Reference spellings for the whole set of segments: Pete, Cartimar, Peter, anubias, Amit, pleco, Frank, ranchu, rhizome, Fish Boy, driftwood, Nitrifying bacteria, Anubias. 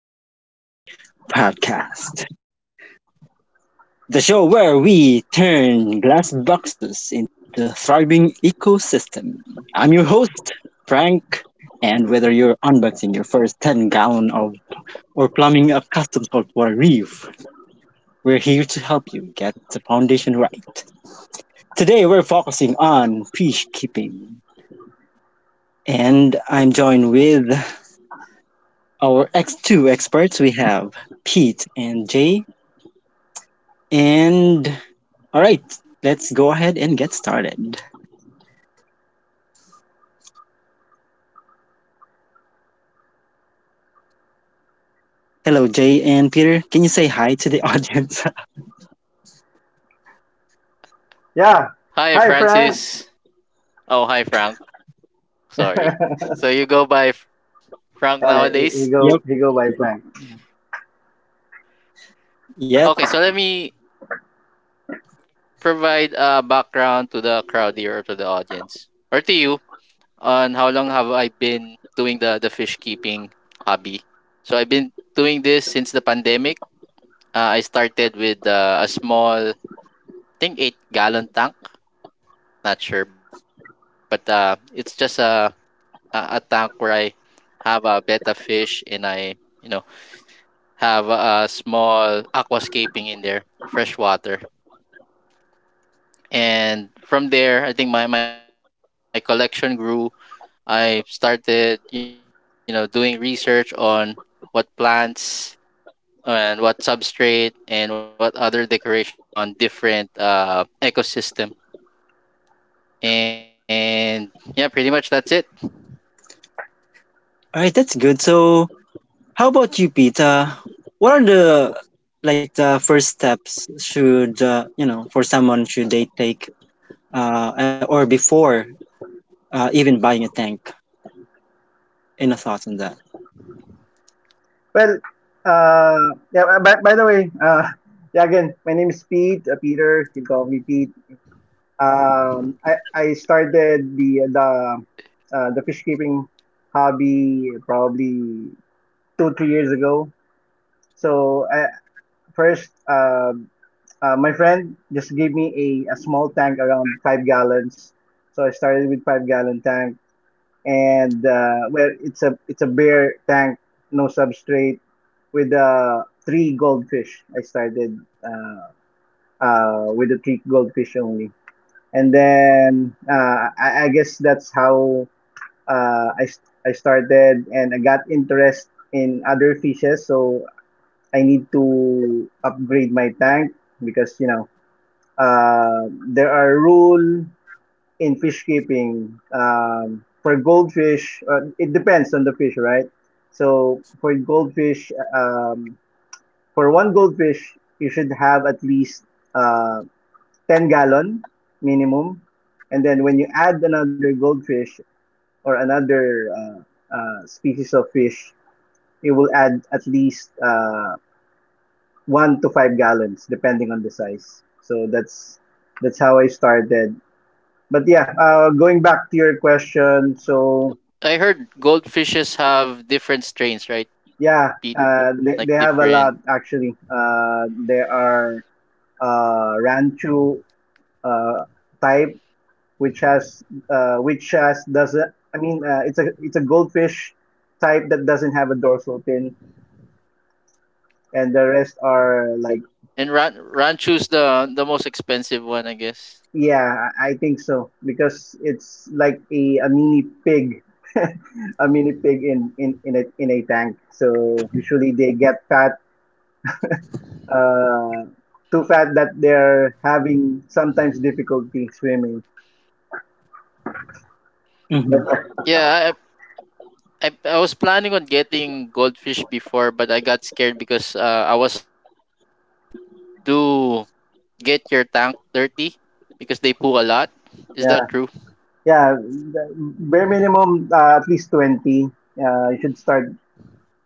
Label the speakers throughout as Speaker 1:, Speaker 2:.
Speaker 1: Fish Boy podcast, the show where we turn glass boxes into a thriving ecosystem. I'm your host, Frank, and whether you're unboxing your first 10 gallon of or plumbing a custom saltwater reef, we're here to help you get the foundation right. Today, we're focusing on fish keeping, and I'm joined with our X2 experts. We have Pete and Jay. And all right, let's go ahead and get started. Hello, Jay and Peter. Can you say hi to the audience?
Speaker 2: Yeah. Hi, Frank.
Speaker 3: Hi, Francis. Oh, hi, Frank. Sorry.
Speaker 2: uh,
Speaker 3: So you go by Frank nowadays?
Speaker 1: Yep.
Speaker 2: he go by Frank.
Speaker 1: Yep.
Speaker 3: Okay, so let me provide a background to the crowd here, or to the audience, or to you, on how long have I been doing the fish keeping hobby. So I've been doing this since the pandemic. I started with a small, I think, 8 gallon tank. Not sure, but it's just a tank where I have a betta fish, and I, you know, have a small aquascaping in there, fresh water. And from there, I think my collection grew. I started, you know, doing research on what plants and what substrate and what other decorations to put on different ecosystem. And yeah, pretty much that's it.
Speaker 1: All right, that's good. So how about you, Peter? What are the like the first steps should for someone should they take or before even buying a tank? Any thoughts on that?
Speaker 2: Well, yeah. By the way, yeah. Again, my name is Pete. Peter. You call me Pete. I started the fish keeping hobby probably 2-3 years ago. So I, first, my friend just gave me a small tank around 5 gallons. So I started with 5 gallon tank. And well, it's a bare tank, no substrate, with three goldfish. I started uh, with the three goldfish only, and then I guess that's how uh, I I started, and I got interest in other fishes. So I need to upgrade my tank because there are rule in fish keeping. For goldfish, it depends on the fish, right? So for goldfish, for one goldfish, you should have at least uh, 10-gallon minimum. And then when you add another goldfish or another species of fish, it will add at least 1 to 5 gallons depending on the size. So that's how I started. But yeah, going back to your question, so
Speaker 3: I heard goldfishes have different strains, right,
Speaker 2: yeah,
Speaker 3: Pete?
Speaker 2: they
Speaker 3: Like
Speaker 2: have a
Speaker 3: different.
Speaker 2: lot actually. There are ranchu uh, type, which has which has doesn't. I mean, it's a goldfish type that doesn't have a dorsal fin, and the rest are like
Speaker 3: And ranchu's the most expensive one, I guess.
Speaker 2: yeah, I think so because it's like a mini pig, a mini pig in a tank. So usually they get fat uh, too fat that they're having sometimes difficulty swimming.
Speaker 1: Mm-hmm.
Speaker 3: Yeah, I was planning on getting goldfish before, but I got scared because I was told that they do get your tank dirty because they poo a lot. Is
Speaker 2: Yeah,
Speaker 3: that true?
Speaker 2: yeah. Bare minimum, at least 20. You should start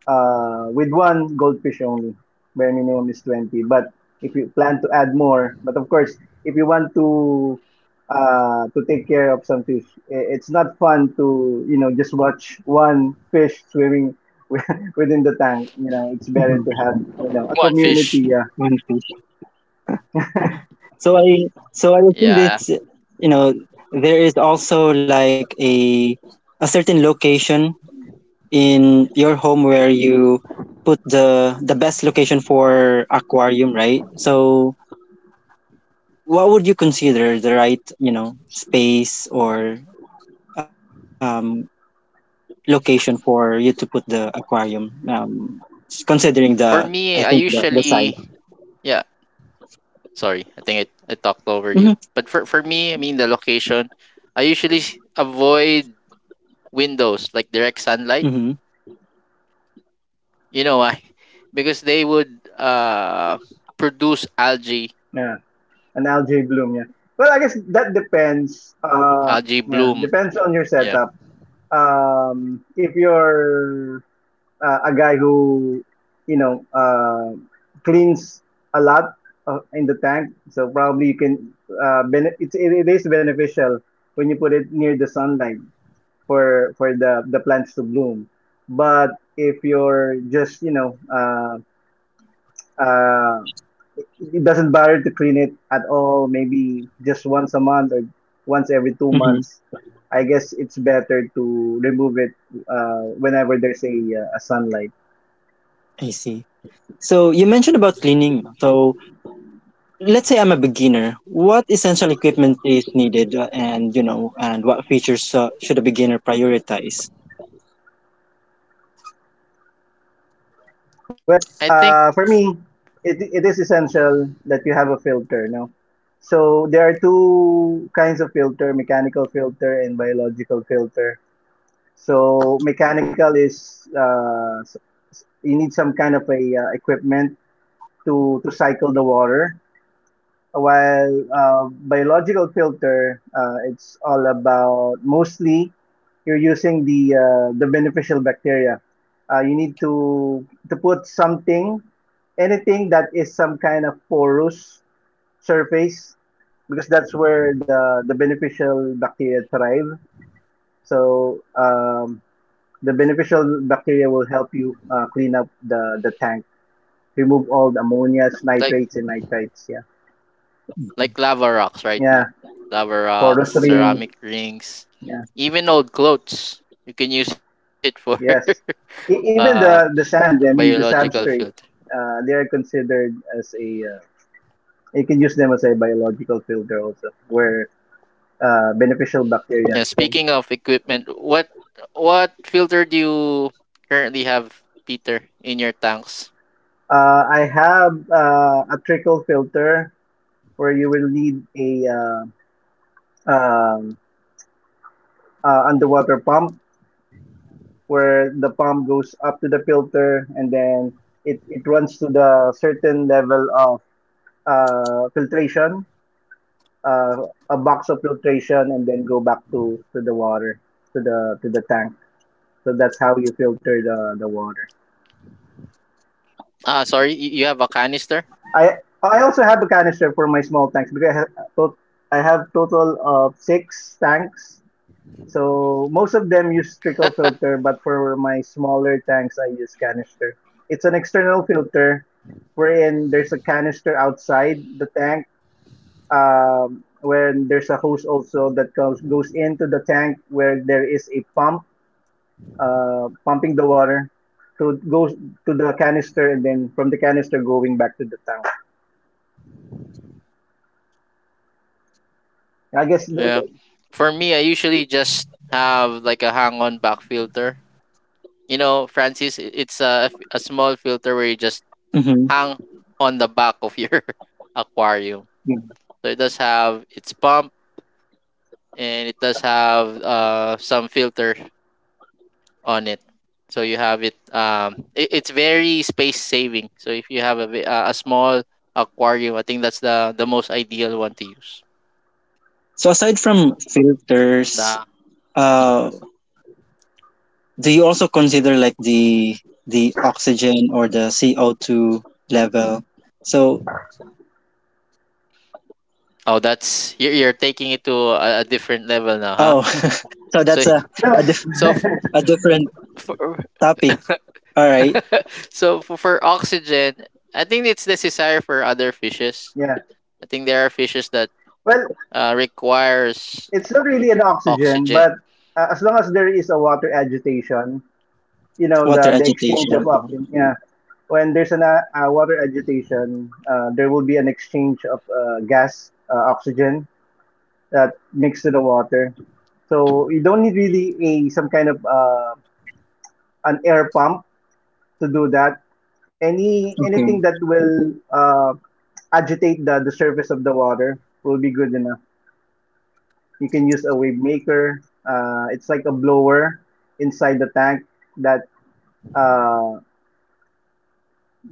Speaker 2: with one goldfish only. Bare minimum is 20. But if you plan to add more, but of course, if you want to take care of some fish, it's not fun to just watch one fish swimming within the tank. You know,
Speaker 1: Mm-hmm.
Speaker 2: it's better to have a
Speaker 3: One
Speaker 2: community.
Speaker 3: fish.
Speaker 2: Yeah,
Speaker 1: One fish. So I so I assume,
Speaker 3: Yeah.
Speaker 1: this you know, there is also like a certain location in your home where you put the best location for aquarium, right? So what would you consider the right, you know, space or um, location for you to put the aquarium? Considering the,
Speaker 3: For
Speaker 1: I think
Speaker 3: me, I
Speaker 1: the size.
Speaker 3: usually, yeah. Sorry, I think I talked over you.
Speaker 1: Hmm.
Speaker 3: But for me, I mean the location, I usually avoid windows, like direct sunlight.
Speaker 1: Hmm.
Speaker 3: You know why? Because they would produce algae
Speaker 2: yeah. An algae bloom, yeah. Well, I guess that depends.
Speaker 3: algae
Speaker 2: Yeah,
Speaker 3: bloom.
Speaker 2: depends on your
Speaker 3: Yeah.
Speaker 2: setup. If you're a guy who, you know, cleans a lot in the tank, so probably you can. It is beneficial when you put it near the sunlight for the plants to bloom. But if you're just, you know, uh, it doesn't bother to clean it at all. Maybe just once a month or once every two
Speaker 1: Hmm.
Speaker 2: months. I guess it's better to remove it whenever there's a sunlight.
Speaker 1: I see. So you mentioned about cleaning. So let's say I'm a beginner. What essential equipment is needed, and you know, and what features should a beginner prioritize?
Speaker 2: Well,
Speaker 3: I think
Speaker 2: for me, it is essential that you have a filter. No, so there are two kinds of filter: mechanical filter and biological filter. So mechanical is you need some kind of a equipment to cycle the water. While biological filter, it's all about mostly you're using the beneficial bacteria. You need to put something, anything that is some kind of porous surface, because that's where the beneficial bacteria thrive. So the beneficial bacteria will help you clean up the tank, remove all the ammonias,
Speaker 3: like
Speaker 2: nitrates, and nitrites. Yeah,
Speaker 3: like lava rocks, right,
Speaker 2: yeah,
Speaker 3: Pete? Lava rocks,
Speaker 2: porous ring.
Speaker 3: ceramic rings, even old clothes. You can use it for
Speaker 2: Yes.
Speaker 3: uh
Speaker 2: Even the sand, I mean the
Speaker 3: biological filter.
Speaker 2: substrate, they are considered as a you can use them as a biological filter also, where beneficial bacteria
Speaker 3: Yeah,
Speaker 2: can.
Speaker 3: speaking of equipment, what filter do you currently have, Peter, in your tanks?
Speaker 2: I have a trickle filter where you will need a um, underwater pump where the pump goes up to the filter, and then it runs to the certain level of filtration, uh, a box of filtration, and then go back to the water to the tank. So that's how you filter the water.
Speaker 3: Ah, sorry, you have a canister?
Speaker 2: I i also have a canister for my small tanks because I have total of six tanks. So most of them use trickle filter, but for my smaller tanks I use canister. It's an external filter wherein there's a canister outside the tank. When there's a hose also that comes goes into the tank, where there is a pump pumping the water to go to the canister, and then from the canister going back to the tank. I guess
Speaker 3: Yeah. For me, I usually just have like a hang-on back filter. You know, Francis, it's a small filter where you just
Speaker 1: Mm-hmm. Mm-hmm.
Speaker 3: hang on the back of your aquarium. So it does have its pump, and it does have some filter on it. So you have it. It's very space saving. So if you have a a small aquarium, I think that's the most ideal one to use.
Speaker 1: So aside from
Speaker 3: The
Speaker 1: filters,
Speaker 3: Mm-hmm.
Speaker 1: uh, do you also consider like the oxygen or the CO two level? So
Speaker 3: Oh, that's, you're, taking it to a different level now, huh?
Speaker 1: oh, so
Speaker 3: So
Speaker 1: that's
Speaker 2: no,
Speaker 1: a, dif-
Speaker 3: so f-
Speaker 1: a different
Speaker 3: for
Speaker 1: topic. All right,
Speaker 3: so for oxygen, I think it's necessary for other fishes.
Speaker 2: yeah.
Speaker 3: I think there are fishes that
Speaker 2: Well,
Speaker 3: requires
Speaker 2: it's not really an oxygen,
Speaker 3: oxygen.
Speaker 2: but as long as there is a water agitation, you know,
Speaker 1: water
Speaker 2: the exchange
Speaker 1: agitation.
Speaker 2: of
Speaker 1: Oh,
Speaker 2: oxygen. Yeah, when there's an water agitation, there will be an exchange of gas, oxygen that mixed to the water. So you don't need really a some kind of an air pump to do that. Anything
Speaker 1: okay.
Speaker 2: that will agitate the surface of the water will be good enough. You can use a wave maker. It's like a blower inside the tank that uh,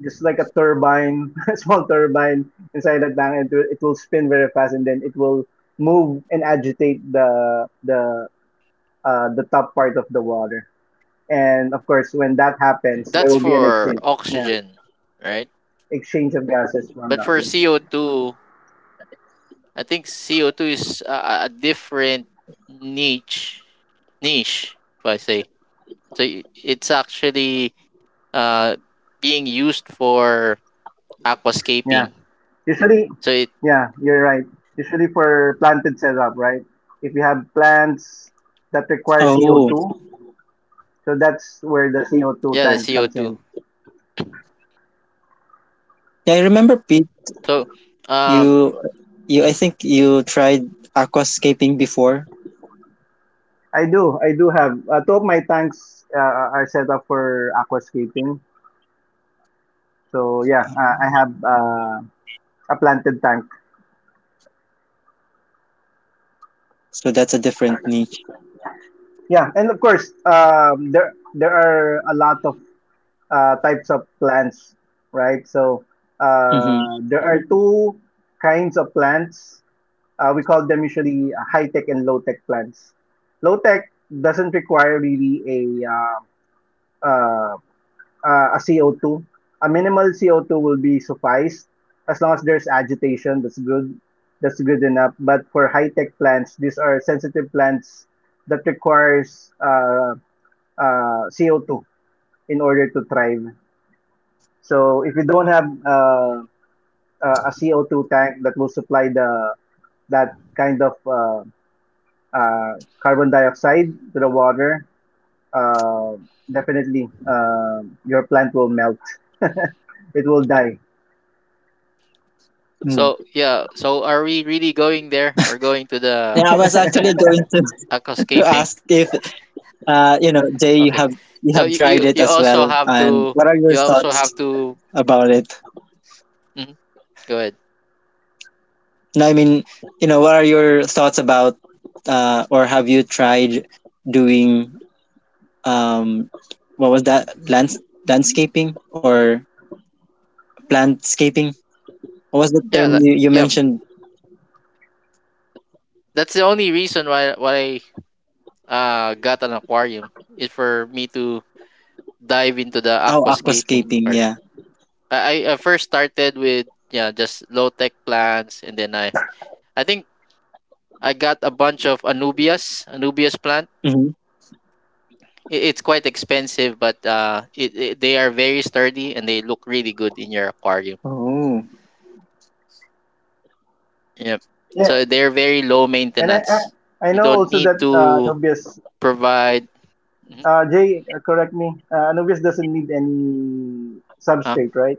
Speaker 2: just like a turbine, a small turbine inside the tank. It will spin very fast, and then it will move and agitate the top part of the water. And of course, when that happens, there
Speaker 3: That's
Speaker 2: will be an
Speaker 3: for
Speaker 2: exchange. Yeah,
Speaker 3: oxygen, right?
Speaker 2: exchange of gases from
Speaker 3: But
Speaker 2: that.
Speaker 3: for CO2, I think CO2 is a different niche. niche, if I say. So it's actually uh, being used for
Speaker 2: Yeah.
Speaker 3: aquascaping.
Speaker 2: Usually,
Speaker 3: So it,
Speaker 2: yeah, you're right. Usually for planted setup, right? If you have plants that require
Speaker 1: Oh,
Speaker 2: CO2, so that's where the CO2
Speaker 3: yeah, the
Speaker 2: tank comes
Speaker 3: CO2.
Speaker 2: in.
Speaker 1: yeah, I remember Pete.
Speaker 3: So um
Speaker 1: You you I
Speaker 3: mhm.
Speaker 1: think you tried aquascaping before.
Speaker 2: I do have. Two of my tanks are set up for aquascaping. So yeah,
Speaker 1: Um,
Speaker 2: I have a planted tank.
Speaker 1: so that's a different niche.
Speaker 2: Yeah, and of course, there are a lot of types of plants, right? So
Speaker 1: Mm-hmm.
Speaker 2: there are two kinds of plants. We call them usually high tech and low tech plants. Low tech doesn't require really uh, a CO2. A minimal CO2 will be suffice as long as there's agitation. That's good. That's good enough. But for high tech plants, these are sensitive plants that requires CO2 in order to thrive. So if you don't have a CO2 tank that will supply the that kind of uh, carbon dioxide to the water, uh, definitely your plant will melt. It will die.
Speaker 1: Mm.
Speaker 3: so yeah, so are we really going there? We're going to the
Speaker 1: Yeah, I was actually going to, to
Speaker 3: aquascaping.
Speaker 1: ask if Jay,
Speaker 3: Okay.
Speaker 1: you
Speaker 3: So
Speaker 1: have
Speaker 3: you
Speaker 1: tried
Speaker 3: you,
Speaker 1: it
Speaker 3: you
Speaker 1: as well,
Speaker 3: also have
Speaker 1: and
Speaker 3: to,
Speaker 1: what are your
Speaker 3: you also have
Speaker 1: thoughts
Speaker 3: to
Speaker 1: about it?
Speaker 3: mhm, go ahead.
Speaker 1: No, I mean, you know, what are your thoughts about, or have you tried doing, um, what was that, landscaping or plantscaping? What was the
Speaker 3: Yeah,
Speaker 1: term
Speaker 3: that,
Speaker 1: you
Speaker 3: yeah.
Speaker 1: mentioned?
Speaker 3: That's the only reason why I got an aquarium, is for me to dive into the
Speaker 1: Oh,
Speaker 3: aquascaping
Speaker 1: aquascaping,
Speaker 3: part.
Speaker 1: yeah.
Speaker 3: I first started with, yeah, just low tech plants, and then I think I got a bunch of anubias, plant.
Speaker 1: Mm-hmm.
Speaker 3: It's quite expensive, but it, it they are very sturdy, and they look really good in your aquarium.
Speaker 1: Oh.
Speaker 3: Yep.
Speaker 2: Yeah,
Speaker 3: So they're very low
Speaker 2: and I,
Speaker 3: maintenance.
Speaker 2: I, I
Speaker 3: You
Speaker 2: know
Speaker 3: don't
Speaker 2: also that
Speaker 3: need to
Speaker 2: Anubias,
Speaker 3: provide. Mhm.
Speaker 2: Jay, correct me, Anubias doesn't need any
Speaker 3: Huh?
Speaker 2: substrate, right?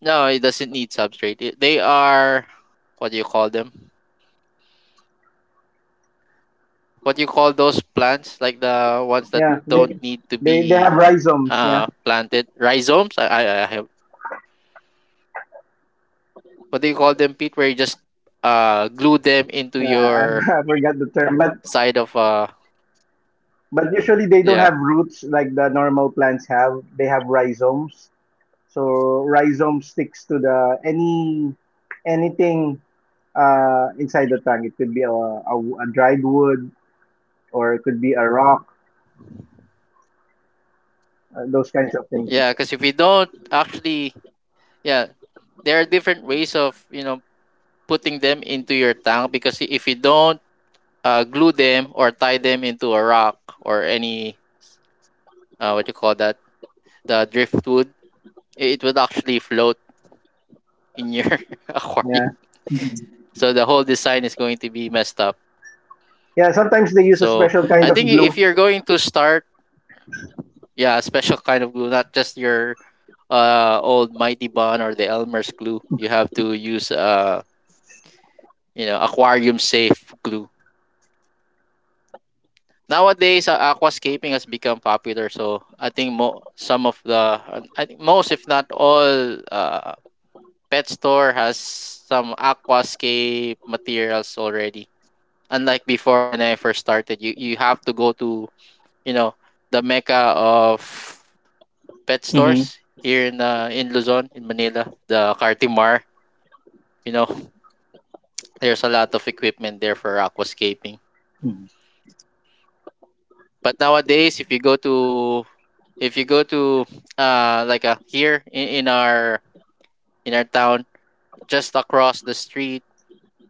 Speaker 3: No, it doesn't need substrate. It, they are, what do you call them? What do you call those plants? Like the ones that
Speaker 2: Yeah,
Speaker 3: don't
Speaker 2: they,
Speaker 3: need to
Speaker 2: they, they
Speaker 3: be
Speaker 2: have rhizomes, yeah.
Speaker 3: planted, rhizomes. I have. What do you call them, Pete? Where you just glue them into
Speaker 2: Yeah,
Speaker 3: your
Speaker 2: I forgot the term, but
Speaker 3: side of,
Speaker 2: usually they don't
Speaker 3: yeah,
Speaker 2: have roots like the normal plants have. They have rhizomes. So rhizome sticks to the any anything inside the tank. It could be a dried wood, or it could be a rock, those kinds of things.
Speaker 3: yeah. Because if you don't actually, yeah, there are different ways of, you know, putting them into your tank, because if you don't glue them or tie them into a rock or any, what you call that, the driftwood, it would actually float in your
Speaker 2: Yeah,
Speaker 3: aquarium, so the whole design is going to be messed up.
Speaker 2: yeah. Sometimes they use a
Speaker 3: So
Speaker 2: special
Speaker 3: I
Speaker 2: kind of
Speaker 3: think if
Speaker 2: glue.
Speaker 3: you're going to start, yeah, a special kind of glue, not just your old Mighty Bond or the Elmer's glue. You have to use, you know, aquarium safe glue. Nowadays, aquascaping has become popular. So I think, some of the, I think most, if not all, pet store has some aquascape materials already. Unlike before when I first started, you have to go to, you know, the mecca of pet
Speaker 1: Mm-hmm.
Speaker 3: stores here in, in Luzon, in Manila, the Cartimar. You know, there's a lot of equipment there for aquascaping. But nowadays, if you go to, if you go to like a here in, in our town, just across the street,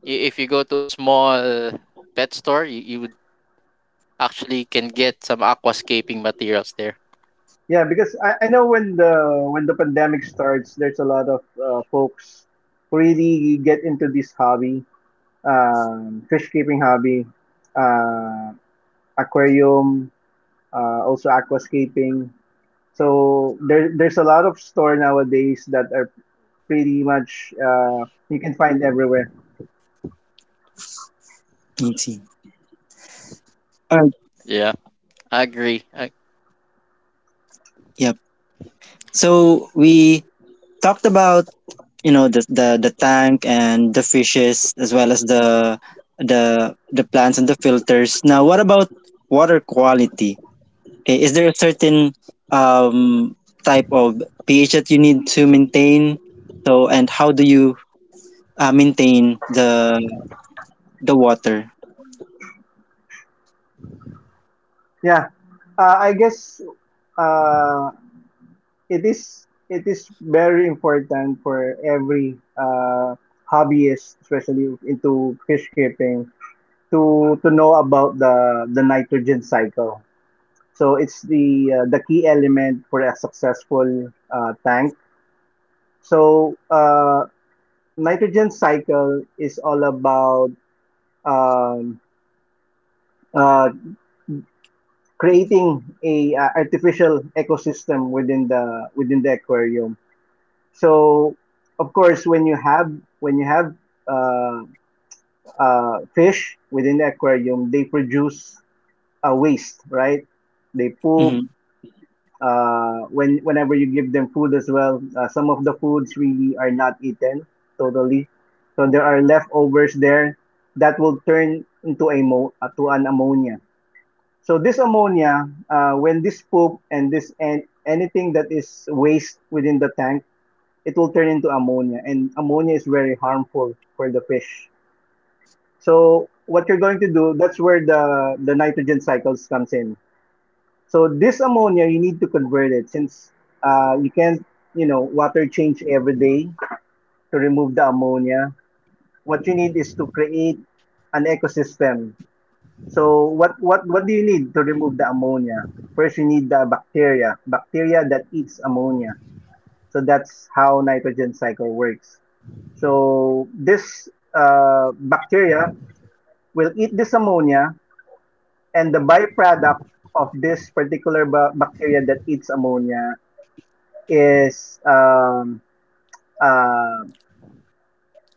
Speaker 3: if you go to a small pet store, you would actually can get some aquascaping materials there.
Speaker 2: Yeah, because I know when the pandemic starts, there's a lot of folks who really get into this hobby, fish keeping hobby, uh, aquarium, also aquascaping. So there's a lot of store nowadays that are pretty much you can find everywhere.
Speaker 1: I see. All right.
Speaker 3: Yeah, I agree.
Speaker 1: Yep. So we talked about, you know, the tank and the fishes as well as the plants and the filters. Now, what about water quality? Okay, is there a certain um type of pH that you need to maintain? So, and how do you maintain the water?
Speaker 2: Yeah, I guess uh, it is very important for every hobbyist, especially into fish keeping, to know about the nitrogen cycle. So it's the key element for a successful tank. So nitrogen cycle is all about um, uh, creating a artificial ecosystem within the aquarium. So of course, when you have uh, fish within the aquarium, they produce a waste, right? They poop.
Speaker 1: Mm-hmm.
Speaker 2: Whenever you give them food as well, some of the foods really are not eaten totally. So there are leftovers there that will turn into to an ammonia. So this ammonia, when this poop and this and anything that is waste within the tank, it will turn into ammonia, and ammonia is very harmful for the fish. So what you're going to do, that's where the nitrogen cycles comes in. So this ammonia, you need to convert it since you can't, you know, water change every day to remove the ammonia. What you need is to create an ecosystem. So what do you need to remove the ammonia? First, you need the bacteria, bacteria that eats ammonia. So that's how nitrogen cycle works. So this bacteria will eat this ammonia, and the byproduct of this particular bacteria that eats ammonia is uh,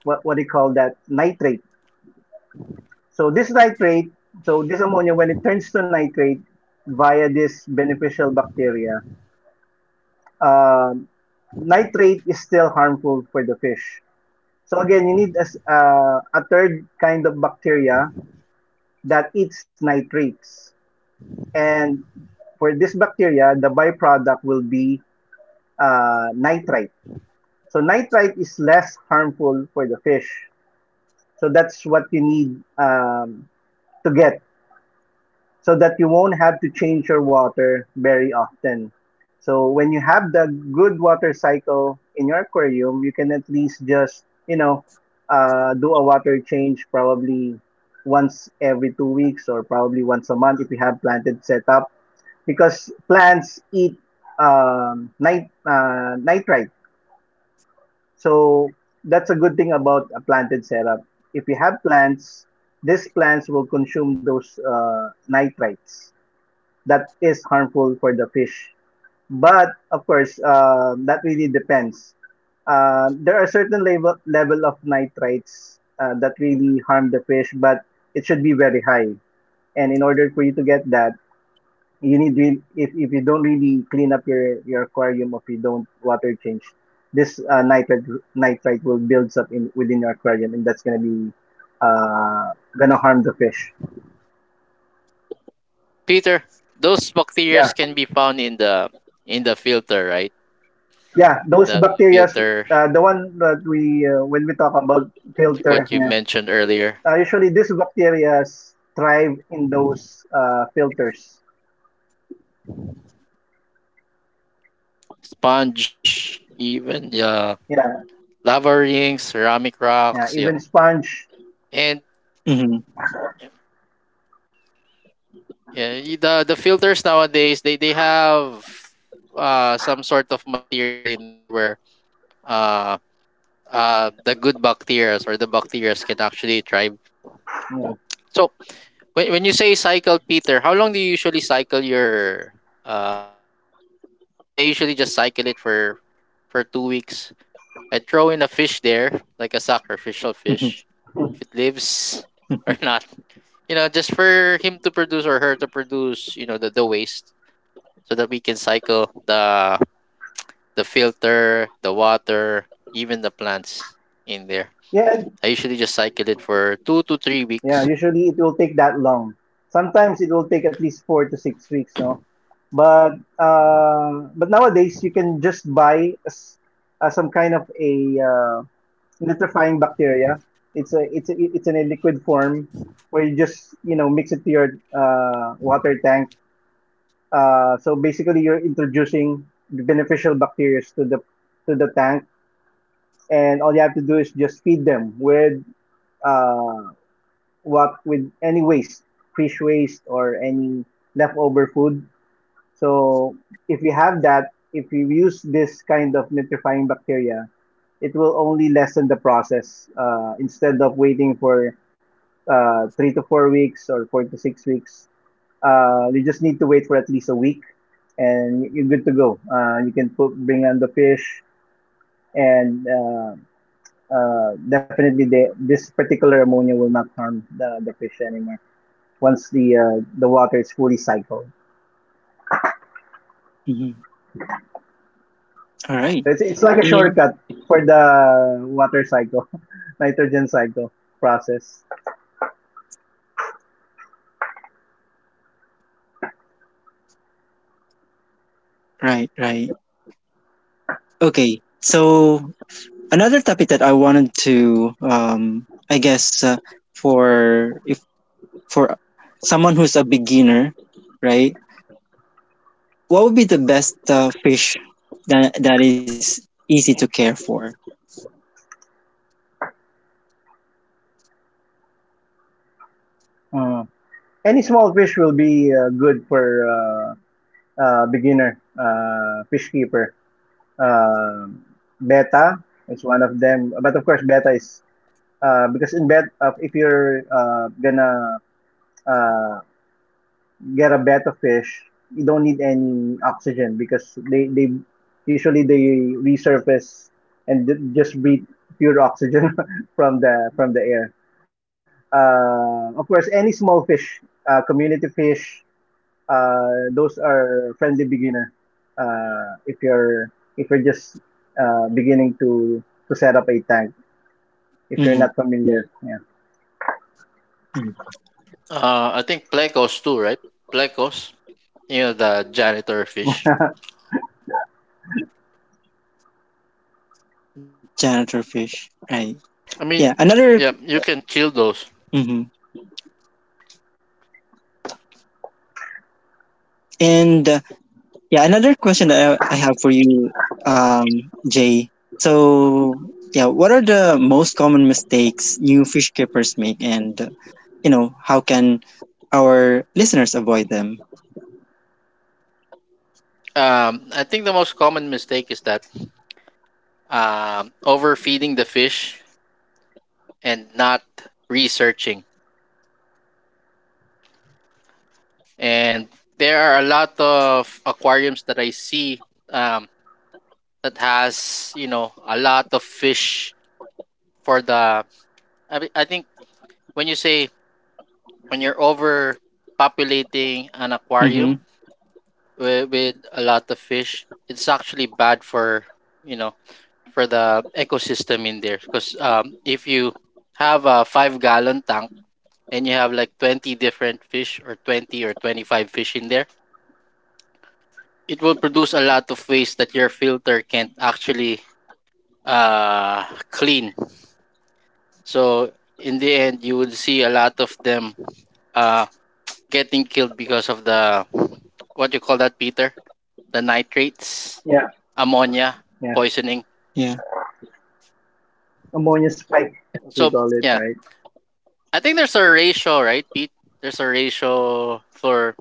Speaker 2: what do you call that, nitrate. So this nitrate, so this ammonia when it turns to nitrate via this beneficial bacteria, uh, nitrate is still harmful for the fish. So again, you need a third kind of bacteria that eats nitrates. And for this bacteria, the byproduct will be nitrite. So nitrite is less harmful for the fish. So that's what you need to get so that you won't have to change your water very often. So when you have the good water cycle in your aquarium, you can at least just, you know, do a water change probably once every 2 weeks or probably once a month if you have planted setup, because plants eat nitrite. So that's a good thing about a planted setup. If you have plants, these plants will consume those nitrites that is harmful for the fish. But of course, that really depends. There are certain level of nitrates that really harm the fish, but it should be very high. And in order for you to get that, you need if you don't really clean up your aquarium, if you don't water change, this nitrate nitrite will builds up in within your aquarium, and that's gonna be uh, gonna harm the fish.
Speaker 3: Peter, those bacteria
Speaker 2: Yeah.
Speaker 3: can be found in the, filter, right?
Speaker 2: Yeah, those
Speaker 3: The
Speaker 2: bacteria,
Speaker 3: filter,
Speaker 2: the one that we when we talk about
Speaker 3: like
Speaker 2: filter,
Speaker 3: what you
Speaker 2: yeah,
Speaker 3: mentioned earlier,
Speaker 2: usually these bacteria thrive in those filters.
Speaker 3: sponge, even, yeah,
Speaker 2: Yeah,
Speaker 3: lava rings, ceramic
Speaker 2: yeah,
Speaker 3: rocks, yeah.
Speaker 2: even sponge.
Speaker 3: And
Speaker 1: Mm-hmm.
Speaker 3: yeah, the filters nowadays, they have some sort of material in there where uh the good bacteria, or the bacteria, can actually thrive.
Speaker 2: Yeah.
Speaker 3: So when you say cycle, Peter, how long do you usually cycle your tanks? Because for me, I usually just cycle it for 2 weeks. I throw in a fish there, like a sacrificial fish,
Speaker 1: Mm-hmm.
Speaker 3: if it lives
Speaker 1: Mm-hmm.
Speaker 3: or not. You know, just for him to produce, or her to produce, you know, the waste, so that we can cycle the filter, the water, even the plants in there.
Speaker 2: Yeah,
Speaker 3: I usually just cycle it for two to three
Speaker 2: yeah.
Speaker 3: weeks.
Speaker 2: Usually it will take that long. Sometimes it will take at least 4 to 6 weeks. No, but nowadays you can just buy a some kind of a nitrifying bacteria. It's a it's in a liquid form where you just, you know, mix it to your water tank. So basically, you're introducing the beneficial bacteria to the tank, and all you have to do is just feed them with uh, what with any waste, fish waste or any leftover food. So if you have that, if you use this kind of nitrifying bacteria, it will only lessen the process instead of waiting for 3 to 4 weeks or 4 to 6 weeks. You just need to wait for at least a week, and you're good to go. You can put, bring on the fish, and definitely this particular ammonia will not harm the fish anymore once the water is fully cycled.
Speaker 1: Mm-hmm. All right.
Speaker 2: So it's like a
Speaker 1: And,
Speaker 2: shortcut for the water cycle, nitrogen cycle process.
Speaker 1: right. Right. Okay. So another topic that I wanted to, for for someone who's a beginner, right? What would be the best fish that is easy to care for?
Speaker 2: Mm. Any small fish will be good for beginner fish keeper, um, beta is one of them. But of course, beta is because in bet if you're gonna uh, get a betta fish, you don't need any oxygen because they usually they resurface and just breathe pure oxygen from the air. Of course, any small fish, community fish, those are friendly beginner. If you're just beginning to set up a tank, if you're
Speaker 1: Hmm.
Speaker 2: not familiar, yeah,
Speaker 3: I think plecos too, right? Plecos, you know, the janitor fish.
Speaker 1: Janitor fish, right?
Speaker 3: I
Speaker 1: Yeah.
Speaker 3: mean,
Speaker 1: Another,
Speaker 3: yeah, you can kill those.
Speaker 1: hmm, and yeah, another question that I have for you, um, Jay. So yeah, what are the most common mistakes new fish keepers make, and you know, how can our listeners avoid them?
Speaker 3: I think the most common mistake is that, overfeeding the fish and not researching. And there are a lot of aquariums that I see, um, that has, you know, a lot of fish. For the, I think when you say, when you're overpopulating an aquarium
Speaker 1: Hmm.
Speaker 3: with, a lot of fish, it's actually bad for, you know, for the ecosystem in there, because, if you have a 5 gallon tank and you have like 20 different fish, or 20 or 25 fish in there, it will produce a lot of waste that your filter can't actually uh clean. So in the end, you would see a lot of them uh getting killed because of the, what you call that, Peter? The nitrates,
Speaker 2: yeah,
Speaker 3: ammonia
Speaker 2: yeah,
Speaker 3: poisoning.
Speaker 1: Yeah.
Speaker 2: ammonia spike as we
Speaker 3: So
Speaker 2: call it,
Speaker 3: yeah,
Speaker 2: right?
Speaker 3: I think there's a ratio, right, Pete? There's a ratio for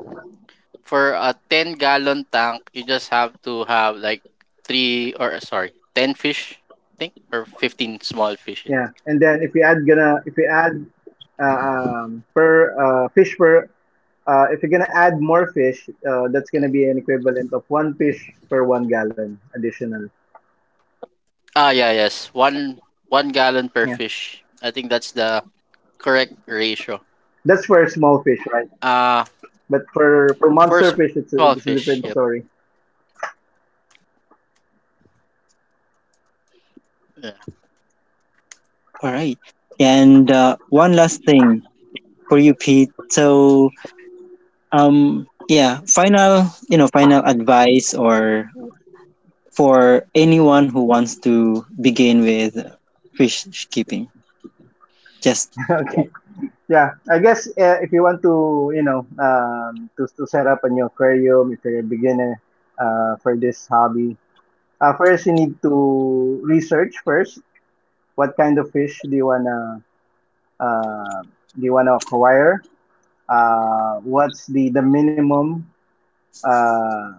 Speaker 3: a 10 gallon tank. You just have to have like three, or sorry, ten fish, I think, or 15 small fishes.
Speaker 2: Yeah, and then if you add uh, per fish per if you're gonna add more fish, that's gonna be an equivalent of one fish per 1 gallon additional.
Speaker 3: Ah, yeah, yes, one gallon per
Speaker 2: Yeah,
Speaker 3: fish. I think that's the correct ratio.
Speaker 2: that's for small fish, right?
Speaker 3: Uh,
Speaker 2: But for monster fish,
Speaker 3: for small
Speaker 2: it's a,
Speaker 3: fish.
Speaker 2: different
Speaker 3: Yep.
Speaker 2: story.
Speaker 3: Yeah.
Speaker 1: All right. And one last thing for you, Pete. So, yeah, final, you know, final advice or for anyone who wants to begin with fish keeping. Just
Speaker 2: Okay. Yeah, I guess if you want to, you know, to set up a new aquarium, if you're a beginner for this hobby, first you need to research first what kind of fish do you wanna uh, acquire. What's the minimum uh,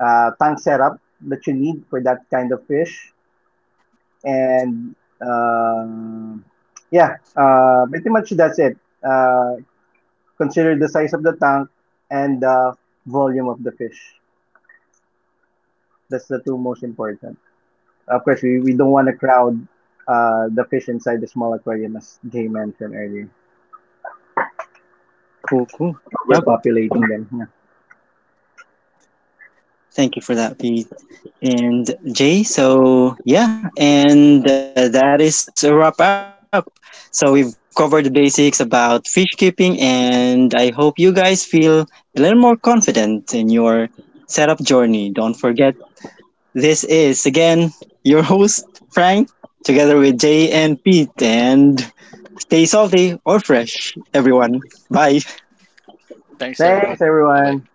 Speaker 2: tank setup that you need for that kind of fish? And um, yeah, pretty much that's it. Uh, Consider the size of the tank and the volume of the fish. That's the two most important. Of course, we don't want to crowd the fish inside the small aquarium, as Jay mentioned earlier.
Speaker 1: cool, cool. Yep.
Speaker 2: Overpopulating them. Yeah.
Speaker 1: Thank you for that, Pete and Jay. So, yeah, and that is a wrap up. So, we've covered the basics about fish keeping, and I hope you guys feel a little more confident in your setup journey. Don't forget, this is again your host, Frank, together with Jay and Pete, and stay salty or fresh, everyone. Bye.
Speaker 3: Thanks everyone.
Speaker 2: Thanks,
Speaker 3: Bye bye.
Speaker 2: everyone.